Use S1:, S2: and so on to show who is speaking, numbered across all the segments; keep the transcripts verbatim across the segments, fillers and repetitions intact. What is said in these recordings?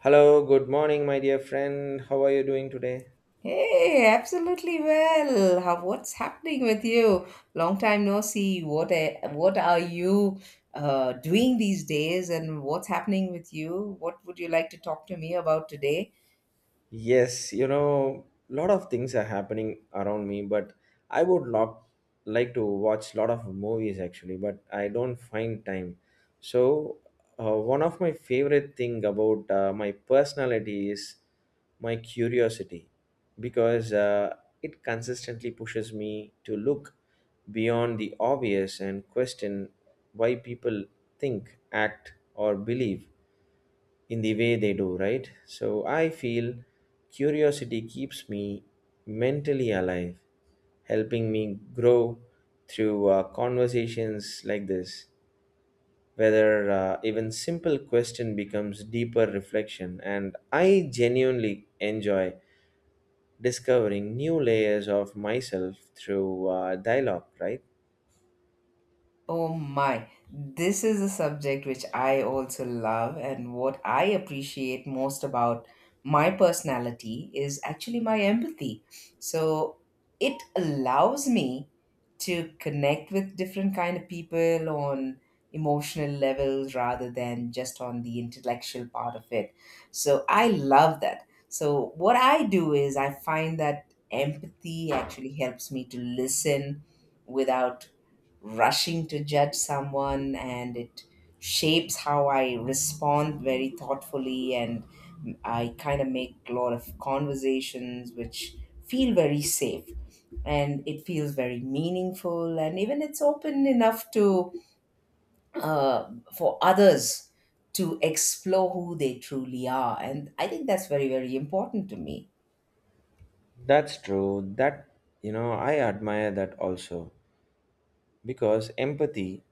S1: Hello, good morning, my dear friend. How are you doing today?
S2: Hey, absolutely well. How, what's happening with you? Long time no see. What a- what are you uh, doing these days, and what's happening with you? What would you like to talk to me about today?
S1: Yes, you know, lot of things are happening around me, but I would lo- like to watch lot of movies actually, but I don't find time. So, uh, one of my favorite thing about uh, my personality is my curiosity, because uh, it consistently pushes me to look beyond the obvious and question why people think, act, or believe in the way they do, right? So I feel curiosity keeps me mentally alive, helping me grow through uh, conversations like this. Whether uh, even simple question becomes deeper reflection, and I genuinely enjoy discovering new layers of myself through uh, dialogue. Right?
S2: Oh my, this is a subject which I also love, and what I appreciate most about my personality is actually my empathy. So it allows me to connect with different kind of people on emotional levels rather than just on the intellectual part of it. So I love that. So what I do is I find that empathy actually helps me to listen without rushing to judge someone, and it shapes how I respond very thoughtfully, and I kind of make a lot of conversations which feel very safe and it feels very meaningful, and even it's open enough to, uh, for others to explore who they truly are. And I think that's very, very important to me.
S1: That's true. That You know, I admire that also because empathy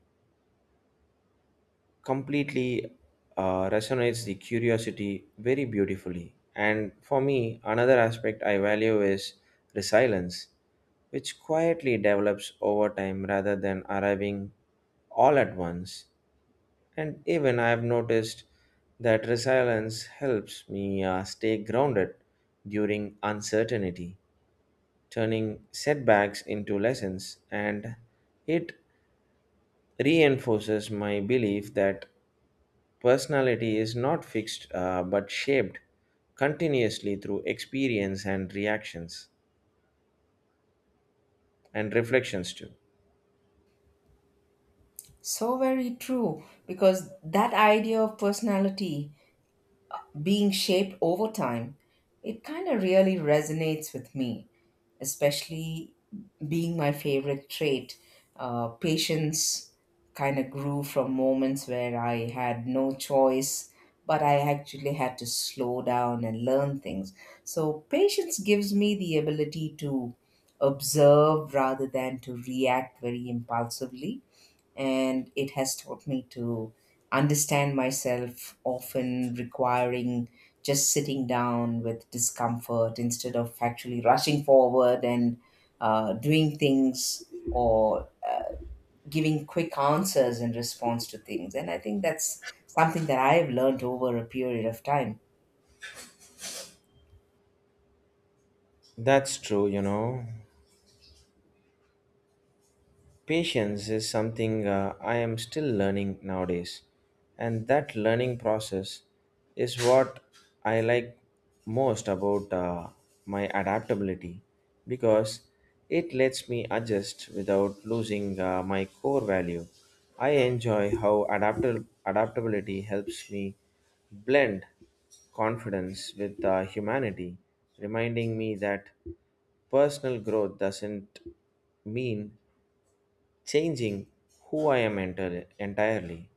S1: completely uh, resonates the curiosity very beautifully. And for me, another aspect I value is resilience, which quietly develops over time rather than arriving all at once. And even I have noticed that resilience helps me uh, stay grounded during uncertainty, turning setbacks into lessons, and it reinforces my belief that personality is not fixed uh, but shaped continuously through experience and reactions and reflections too.
S2: So very true, because that idea of personality being shaped over time, it kind of really resonates with me, especially being my favorite trait. Uh, patience kind of grew from moments where I had no choice, but I actually had to slow down and learn things. So, patience gives me the ability to observe rather than to react very impulsively, and it has taught me to understand myself, often requiring just sitting down with discomfort instead of actually rushing forward and uh, doing things or giving quick answers in response to things. And I think that's something that I've learned over a period of time.
S1: That's true, you know. Patience is something uh, I am still learning nowadays, and that learning process is what I like most about uh, my adaptability because it lets me adjust without losing uh, my core value. I enjoy how adaptable adaptability helps me blend confidence with uh, humanity, reminding me that personal growth doesn't mean changing who I am enter- entirely,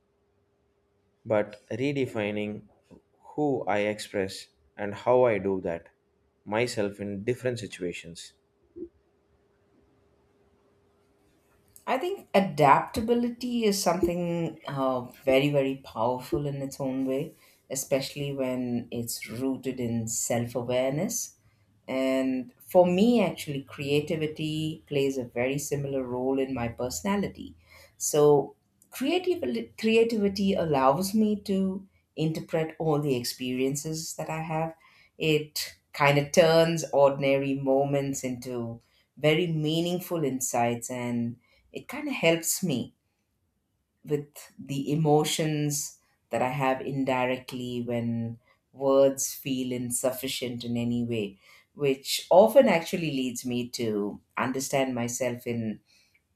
S1: but redefining who I express and how I do that myself in different situations.
S2: I think adaptability is something uh, very, very powerful in its own way, especially when it's rooted in self awareness. And for me, actually, creativity plays a very similar role in my personality. So, creativity, creativity allows me to interpret all the experiences that I have. It kind of turns ordinary moments into very meaningful insights, and it kind of helps me with the emotions that I have indirectly when words feel insufficient in any way, which often actually leads me to understand myself in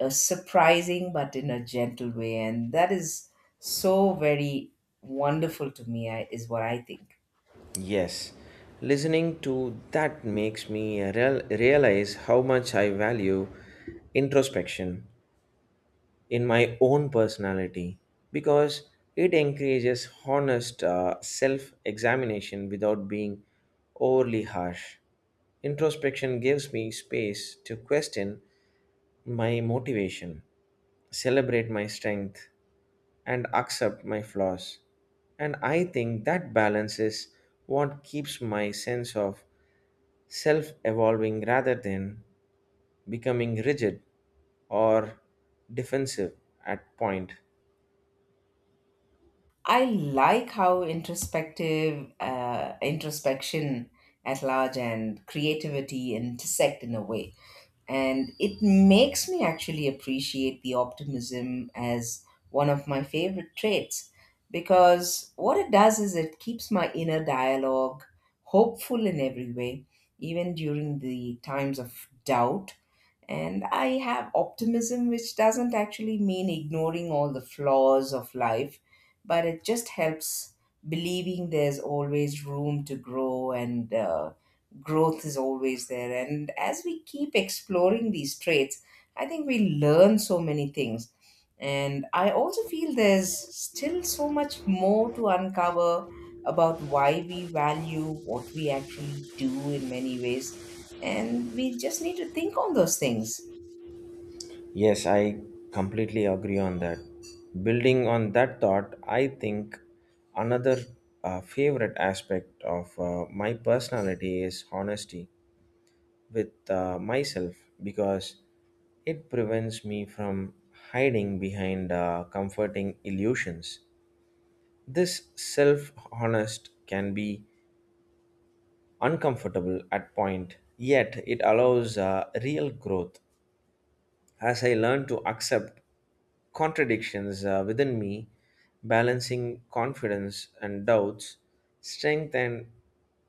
S2: a surprising but in a gentle way. And that is so very wonderful to me, I- is what I think.
S1: Yes, listening to that makes me real- realize how much I value introspection in my own personality because it encourages honest uh, self examination without being overly harsh. Introspection gives me space to question my motivation, celebrate my strength, and accept my flaws. And I think that balance is what keeps my sense of self evolving rather than becoming rigid or defensive at point.
S2: I like how introspective, uh, introspection at large and creativity intersect in a way, and it makes me actually appreciate the optimism as one of my favorite traits, because what it does is it keeps my inner dialogue hopeful in every way, even during the times of doubt. And I have optimism, which doesn't actually mean ignoring all the flaws of life, but it just helps believing there's always room to grow, and uh, growth is always there. And as we keep exploring these traits, I think we learn so many things. And I also feel there's still so much more to uncover about why we value what we actually do in many ways. And we just need to think on those things.
S1: Yes, I completely agree on that. Building on that thought, I think another uh, favorite aspect of uh, my personality is honesty with uh, myself because it prevents me from hiding behind uh, comforting illusions. This self honest can be uncomfortable at point, yet it allows uh, real growth as I learn to accept contradictions uh, within me, balancing confidence and doubts, strength and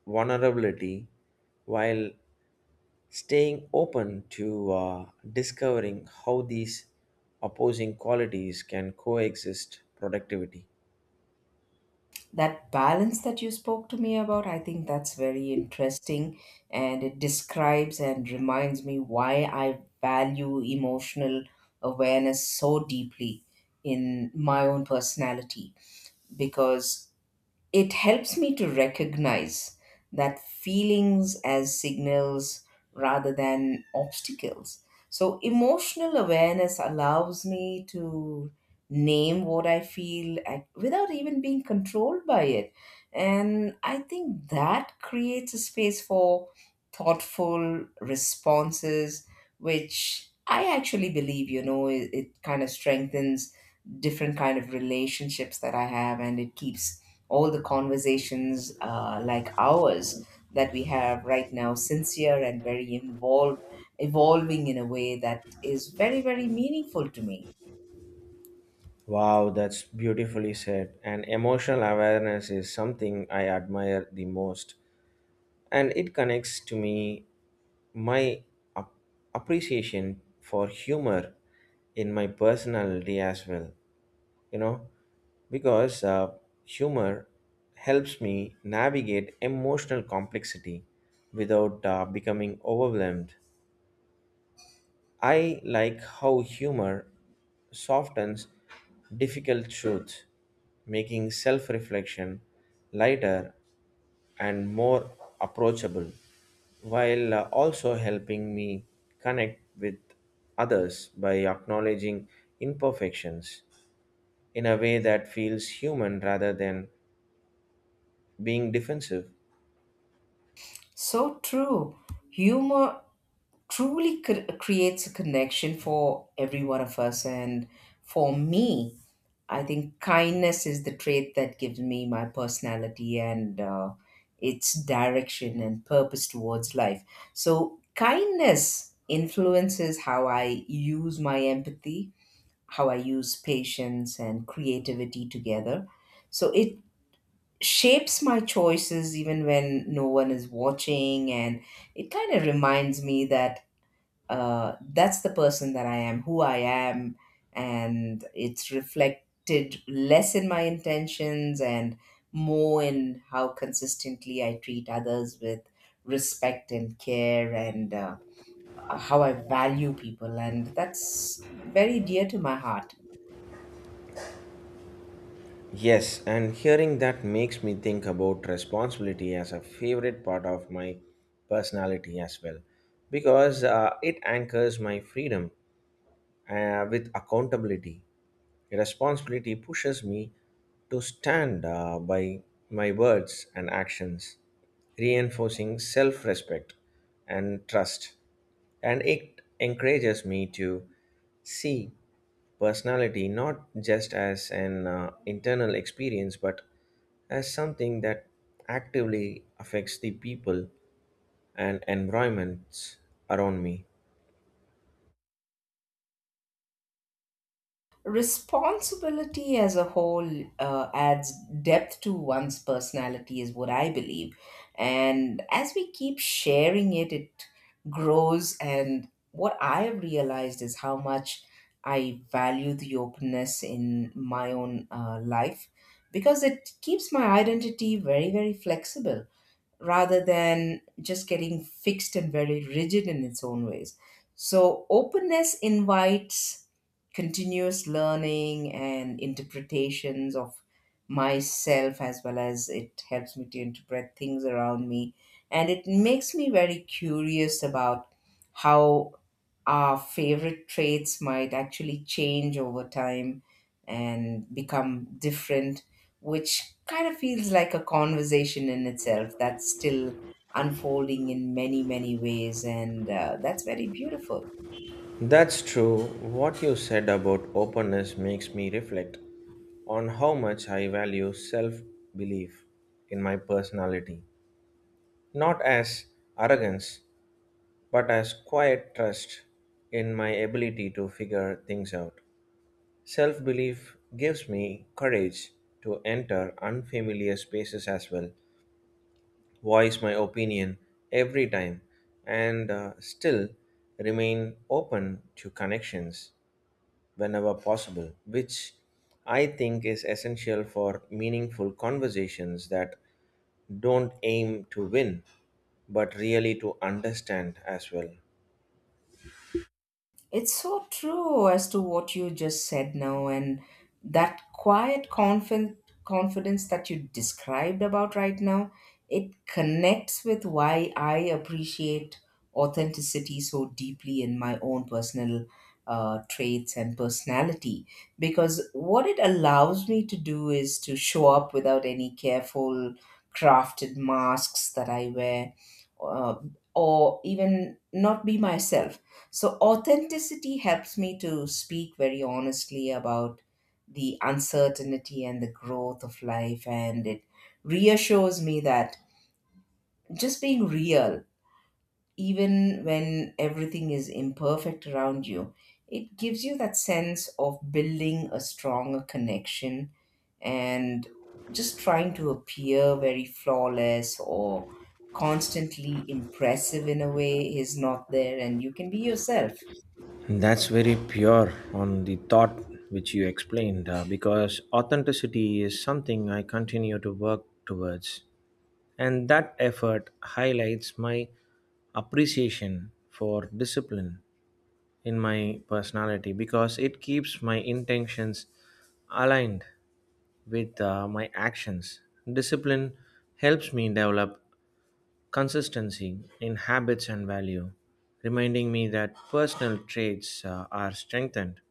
S1: vulnerability, while staying open to uh, discovering how these opposing qualities can coexist productivity.
S2: That balance that you spoke to me about, I think that's very interesting, and it describes and reminds me why I value emotional awareness so deeply in my own personality, because it helps me to recognize that feelings as signals rather than obstacles. So, emotional awareness allows me to name what I feel ac- without even being controlled by it. And I think that creates a space for thoughtful responses, which I actually believe, you know, it, it kind of strengthens different kind of relationships that I have, and it keeps all the conversations, uh, like ours that we have right now, sincere and very involved, evolving in a way that is very, very meaningful to me.
S1: Wow, that's beautifully said. And emotional awareness is something I admire the most. And it connects to me my ap- appreciation for humor in my personality as well, you know, because uh, humor helps me navigate emotional complexity without uh, becoming overwhelmed. I like how humor softens difficult truths, making self-reflection lighter and more approachable, while uh, also helping me connect with others by acknowledging imperfections in a way that feels human rather than being defensive.
S2: So true. Humor truly cr- creates a connection for every one of us. And for me, I think kindness is the trait that gives me my personality and uh, its direction and purpose towards life. So, kindness influences how I use my empathy, how I use patience and creativity together. So, it shapes my choices even when no one is watching, and it kind of reminds me that uh, that's the person that I am, who I am, and it's reflected less in my intentions and more in how consistently I treat others with respect and care, and uh, how I value people. And that's very dear to my heart.
S1: Yes, and hearing that makes me think about responsibility as a favorite part of my personality as well because uh, it anchors my freedom uh, with accountability. Responsibility pushes me to stand uh, by my words and actions, reinforcing self respect and trust. And it encourages me to see personality not just as an uh, internal experience but as something that actively affects the people and environments around me.
S2: Responsibility as a whole uh, adds depth to one's personality, is what I believe. And as we keep sharing it, it grows, and what I have realized is how much I value the openness in my own uh, life, because it keeps my identity very, very flexible rather than just getting fixed and very rigid in its own ways. So, openness invites continuous learning and interpretations of myself, as well as it helps me to interpret things around me. And it makes me very curious about how our favorite traits might actually change over time and become different, which kind of feels like a conversation in itself that's still unfolding in many, many ways. And uh, that's very beautiful.
S1: That's true. What you said about openness makes me reflect on how much I value self belief in my personality. Not as arrogance, but as quiet trust in my ability to figure things out. Self belief gives me courage to enter unfamiliar spaces as well, voice my opinion every time, and uh, still remain open to connections whenever possible, which I think is essential for meaningful conversations that don't aim to win but really to understand as well.
S2: It's so true as to what you just said now, and that quiet confi- confidence that you described about right now, it connects with why I appreciate authenticity so deeply in my own personal uh, traits and personality. Because what it allows me to do is to show up without any careful crafted masks that I wear, uh, or even not be myself. So, authenticity helps me to speak very honestly about the uncertainty and the growth of life, and it reassures me that just being real, even when everything is imperfect around you, it gives you that sense of building a stronger connection, and just trying to appear very flawless or constantly impressive in a way is not there, and you can be yourself.
S1: That's very pure on the thought which you explained uh, because authenticity is something I continue to work towards. And that effort highlights my appreciation for discipline in my personality because it keeps my intentions aligned with uh, my actions. Discipline helps me develop consistency in habits and value, reminding me that personal traits uh, are strengthened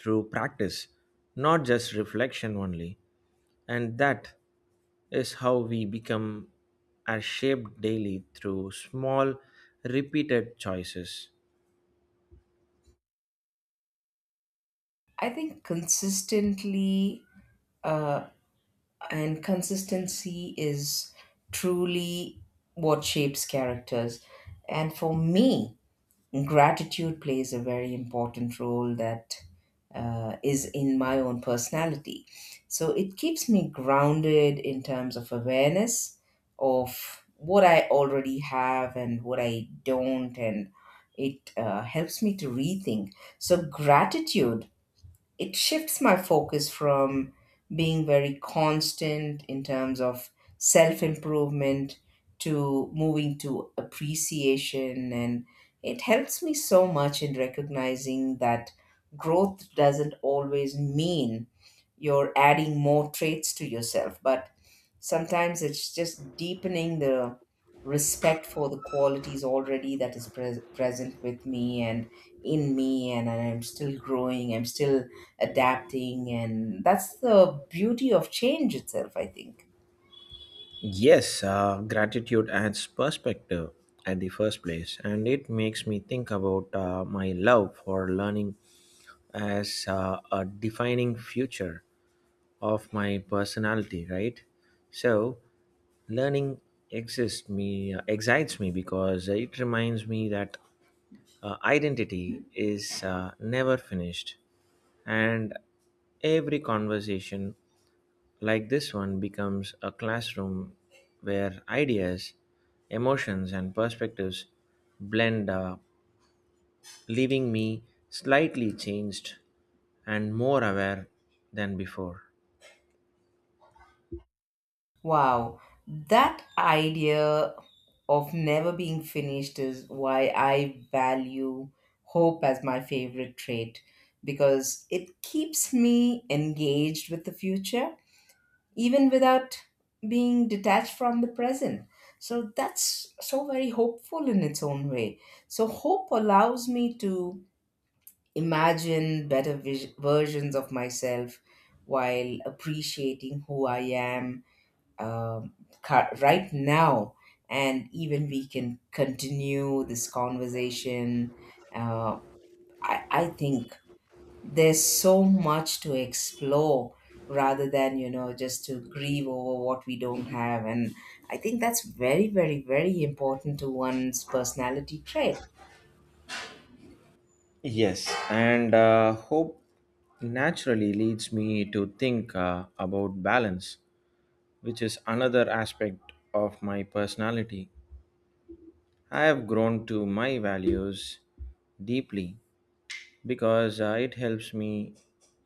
S1: through practice, not just reflection only. And that is how we become are shaped daily through small, repeated choices.
S2: I think consistently, uh, and consistency is truly what shapes characters. And for me, gratitude plays a very important role that uh, is in my own personality. So it keeps me grounded in terms of awareness of what I already have and what I don't, and it uh, helps me to rethink. So gratitude, it shifts my focus from being very constant in terms of self improvement to moving to appreciation, and it helps me so much in recognizing that growth doesn't always mean you're adding more traits to yourself, but sometimes it's just deepening the respect for the qualities already that is pres present with me and in me. And I'm still growing, I'm still adapting, and that's the beauty of change itself, I think.
S1: Yes, uh, gratitude adds perspective at the first place, and it makes me think about uh, my love for learning as uh, a defining future of my personality, right? So, learning exists me uh, excites me because it reminds me that uh, identity is uh, never finished, and every conversation like this one becomes a classroom where ideas, emotions, and perspectives blend, uh, leaving me slightly changed and more aware than before.
S2: Wow, that idea of never being finished is why I value hope as my favorite trait, because it keeps me engaged with the future, even without being detached from the present. So that's so very hopeful in its own way. So hope allows me to imagine better vis- versions of myself while appreciating who I am, um, cur- right now. And even we can continue this conversation. Uh, I, I think there's so much to explore rather than, you know, just to grieve over what we don't have. And I think that's very, very, very important to one's personality trait.
S1: Yes, and uh, hope naturally leads me to think uh, about balance, which is another aspect of my personality. I have grown to my values deeply because uh, it helps me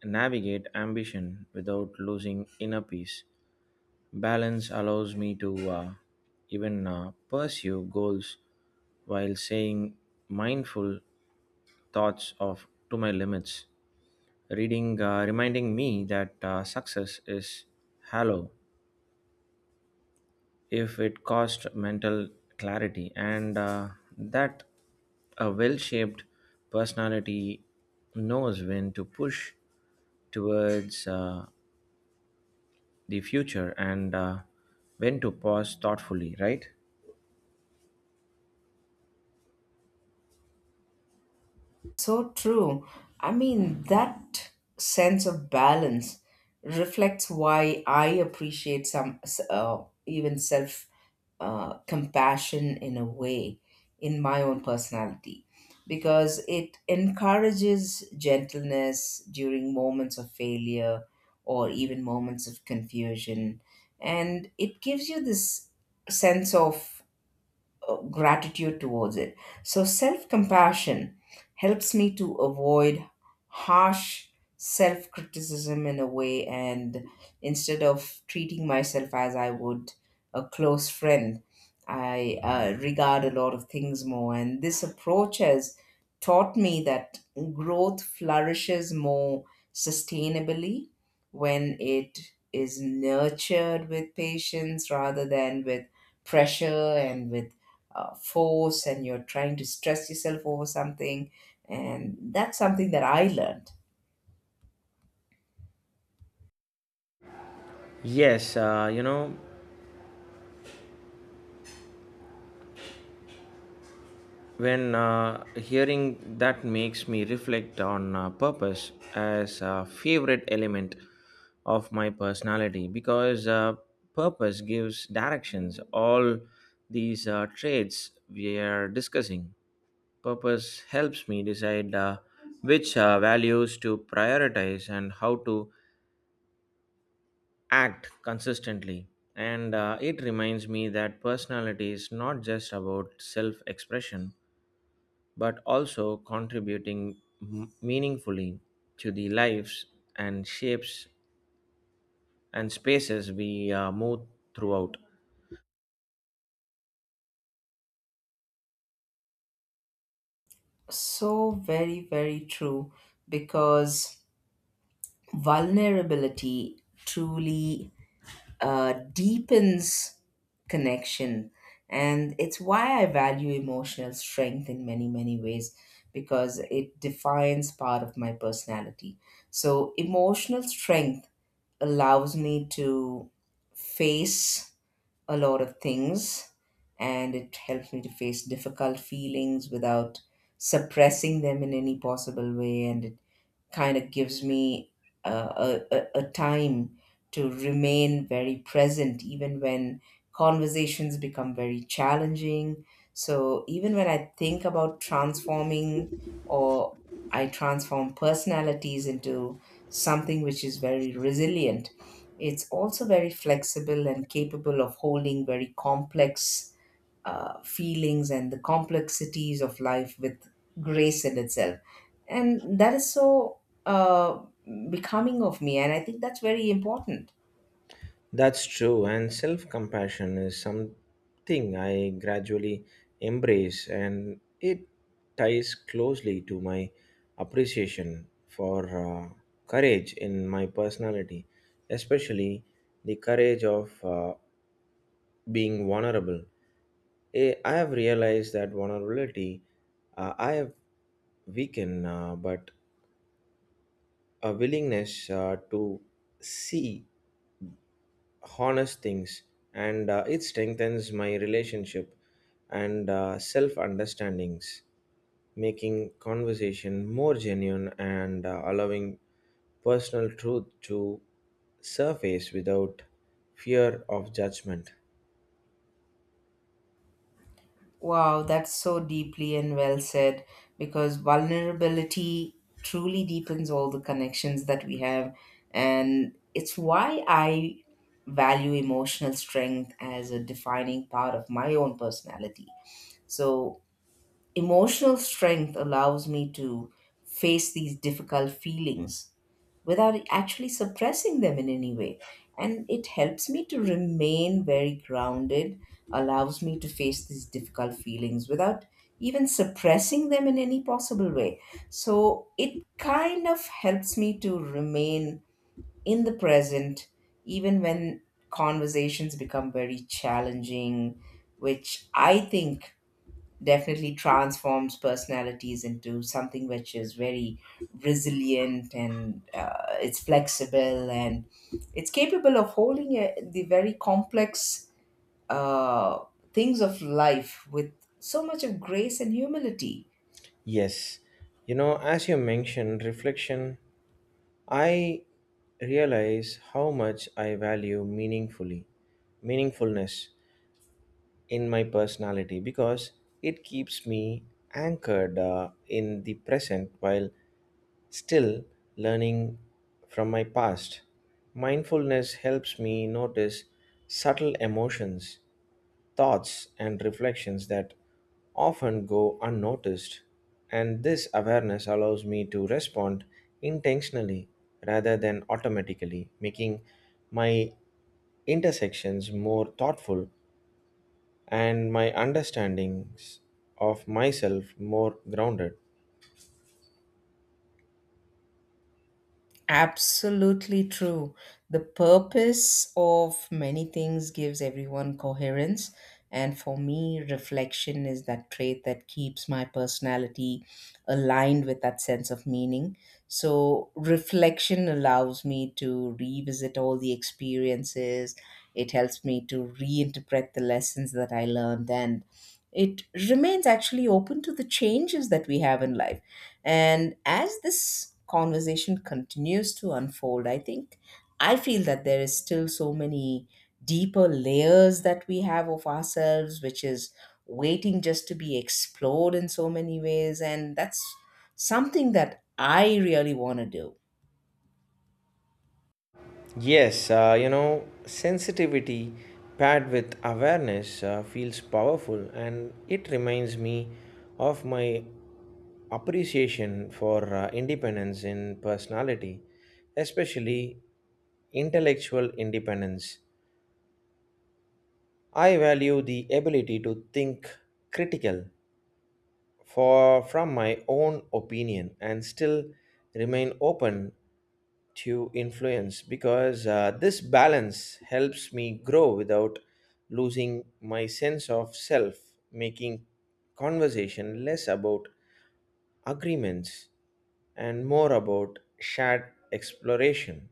S1: navigate ambition without losing inner peace. Balance allows me to uh, even uh, pursue goals while saying mindful thoughts of to my limits, reading uh, reminding me that uh, success is hollow if it costs mental clarity, and uh, that a well-shaped personality knows when to push towards uh, the future, and uh, when to pause thoughtfully, right?
S2: So true. I mean, that sense of balance reflects why I appreciate some uh, even self uh, compassion in a way in my own personality, because it encourages gentleness during moments of failure or even moments of confusion, and it gives you this sense of uh, gratitude towards it. So self compassion helps me to avoid harsh self criticism in a way, and instead of treating myself as I would a close friend, I uh, regard a lot of things more. And this approach has taught me that growth flourishes more sustainably when it is nurtured with patience rather than with pressure and with uh, force, and you're trying to stress yourself over something. And that's something that I learned.
S1: Yes, uh, you know, When uh, hearing that makes me reflect on uh, purpose as a favorite element of my personality because uh, purpose gives directions. All these uh, traits we are discussing, purpose helps me decide uh, which uh, values to prioritize and how to act consistently. And uh, it reminds me that personality is not just about self expression but also contributing m- meaningfully to the lives and shapes and spaces we uh, move throughout.
S2: So very, very true, because vulnerability truly uh, deepens connection. And it's why I value emotional strength in many, many ways, because it defines part of my personality. So, emotional strength allows me to face a lot of things, and it helped me to face difficult feelings without suppressing them in any possible way, and it kind of gives me uh, a, a, a time to remain very present, even when conversations become very challenging. So, even when I think about transforming or I transform personalities into something which is very resilient, it's also very flexible and capable of holding very complex uh, feelings and the complexities of life with grace in itself. And that is so uh, becoming of me. And I think that's very important.
S1: That's true, and self compassion is something I gradually embrace, and it ties closely to my appreciation for uh, courage in my personality, especially the courage of uh, being vulnerable. Eh, I have realized that vulnerability, uh, I have weakened, uh, but a willingness uh, to see honest things, and uh, it strengthens my relationship and uh, self understandings, making conversation more genuine and uh, allowing personal truth to surface without fear of judgment.
S2: Wow, that's so deeply and well said, because vulnerability truly deepens all the connections that we have. And it's why I value emotional strength as a defining part of my own personality. So emotional strength allows me to face these difficult feelings without actually suppressing them in any way. And it helps me to remain very grounded, allows me to face these difficult feelings without even suppressing them in any possible way. So it kind of helps me to remain in the present, even when conversations become very challenging, which I think definitely transforms personalities into something which is very resilient, and uh, it's flexible and it's capable of holding uh, the very complex uh, things of life with so much of grace and humility.
S1: Yes, you know, as you mentioned, reflection, I realize how much I value meaningfully meaningfulness in my personality because it keeps me anchored uh, in the present while still learning from my past. Mindfulness helps me notice subtle emotions, thoughts, and reflections that often go unnoticed, and this awareness allows me to respond intentionally rather than automatically, making my intersections more thoughtful and my understandings of myself more grounded.
S2: Absolutely true. The purpose of many things gives everyone coherence. And for me, reflection is that trait that keeps my personality aligned with that sense of meaning. So, reflection allows me to revisit all the experiences, it helps me to reinterpret the lessons that I learned, and it remains actually open to the changes that we have in life. And as this conversation continues to unfold, I think I feel that there is still so many deeper layers that we have of ourselves, which is waiting just to be explored in so many ways. And that's something that I really want to do.
S1: Yes, uh, you know, sensitivity paired with awareness uh, feels powerful, and it reminds me of my appreciation for uh, independence in personality, especially intellectual independence. I value the ability to think critical for from my own opinion and still remain open to influence because uh, this balance helps me grow without losing my sense of self, making conversation less about agreements and more about shared exploration.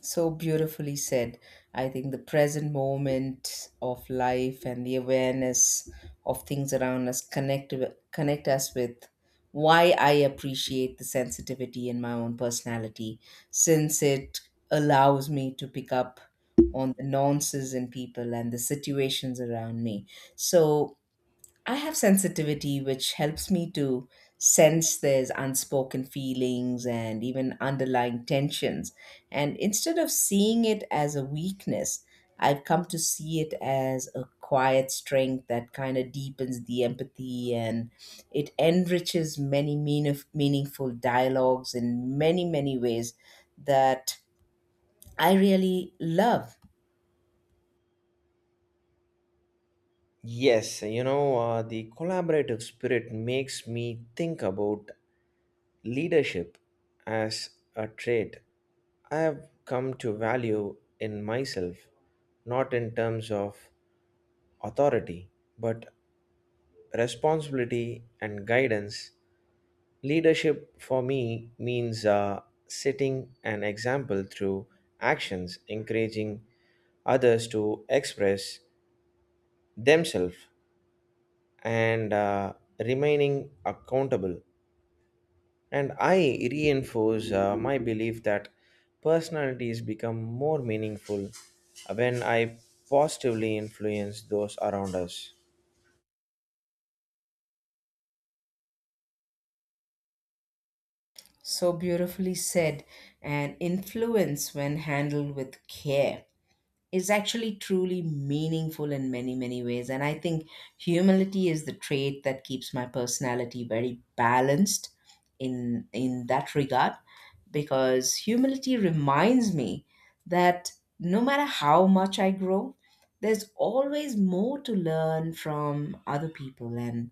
S2: So beautifully said. I think the present moment of life and the awareness of things around us connect connect us with why I appreciate the sensitivity in my own personality, since it allows me to pick up on the nuances in people and the situations around me. So I have sensitivity, which helps me to sense there's unspoken feelings and even underlying tensions. And instead of seeing it as a weakness, I've come to see it as a quiet strength that kind of deepens the empathy, and it enriches many mean- meaningful dialogues in many, many ways that I really love.
S1: Yes, you know, uh, the collaborative spirit makes me think about leadership as a trait I have come to value in myself, not in terms of authority, but responsibility and guidance. Leadership for me means uh, setting an example through actions, encouraging others to express themselves and uh, remaining accountable. And I reinforce uh, my belief that personalities become more meaningful when I positively influence those around us.
S2: So beautifully said, and influence when handled with care is actually truly meaningful in many, many ways. And I think humility is the trait that keeps my personality very balanced in in that regard, because humility reminds me that no matter how much I grow, there's always more to learn from other people. And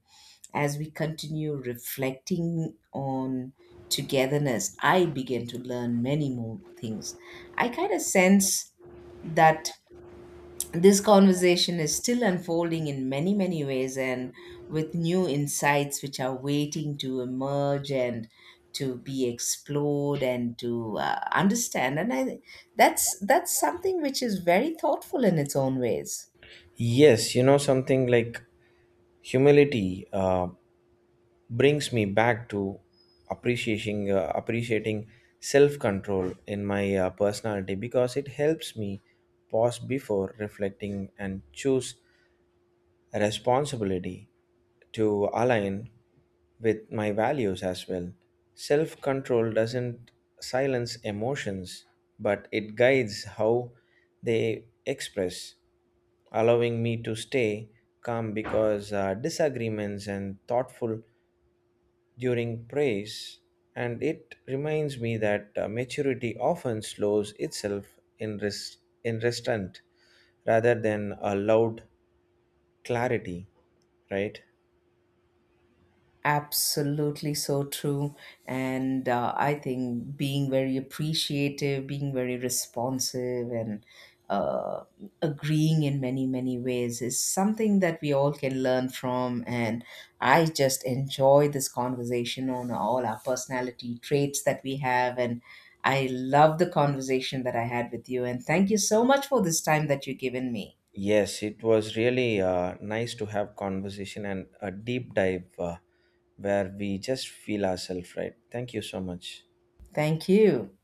S2: as we continue reflecting on togetherness, I begin to learn many more things. I kind of sense that this conversation is still unfolding in many, many ways, and with new insights which are waiting to emerge and to be explored and to uh, understand. And I, that's, that's something which is very thoughtful in its own ways.
S1: Yes, you know, something like humility uh, brings me back to appreciating uh, appreciating self-control in my uh, personality because it helps me pause before reflecting and choose responsibility to align with my values as well. Self control doesn't silence emotions, but it guides how they express, allowing me to stay calm because uh, disagreements and thoughtful during praise. And it reminds me that uh, maturity often slows itself in, rest, in restraint rather than a loud clarity, right?
S2: Absolutely so true. And uh, I think being very appreciative, being very responsive, and uh, agreeing in many, many ways is something that we all can learn from. And I just enjoy this conversation on all our personality traits that we have. And I love the conversation that I had with you. And thank you so much for this time that you've given me.
S1: Yes, it was really uh, nice to have conversation and a deep dive uh, where we just feel ourselves, right? Thank you so much.
S2: Thank you.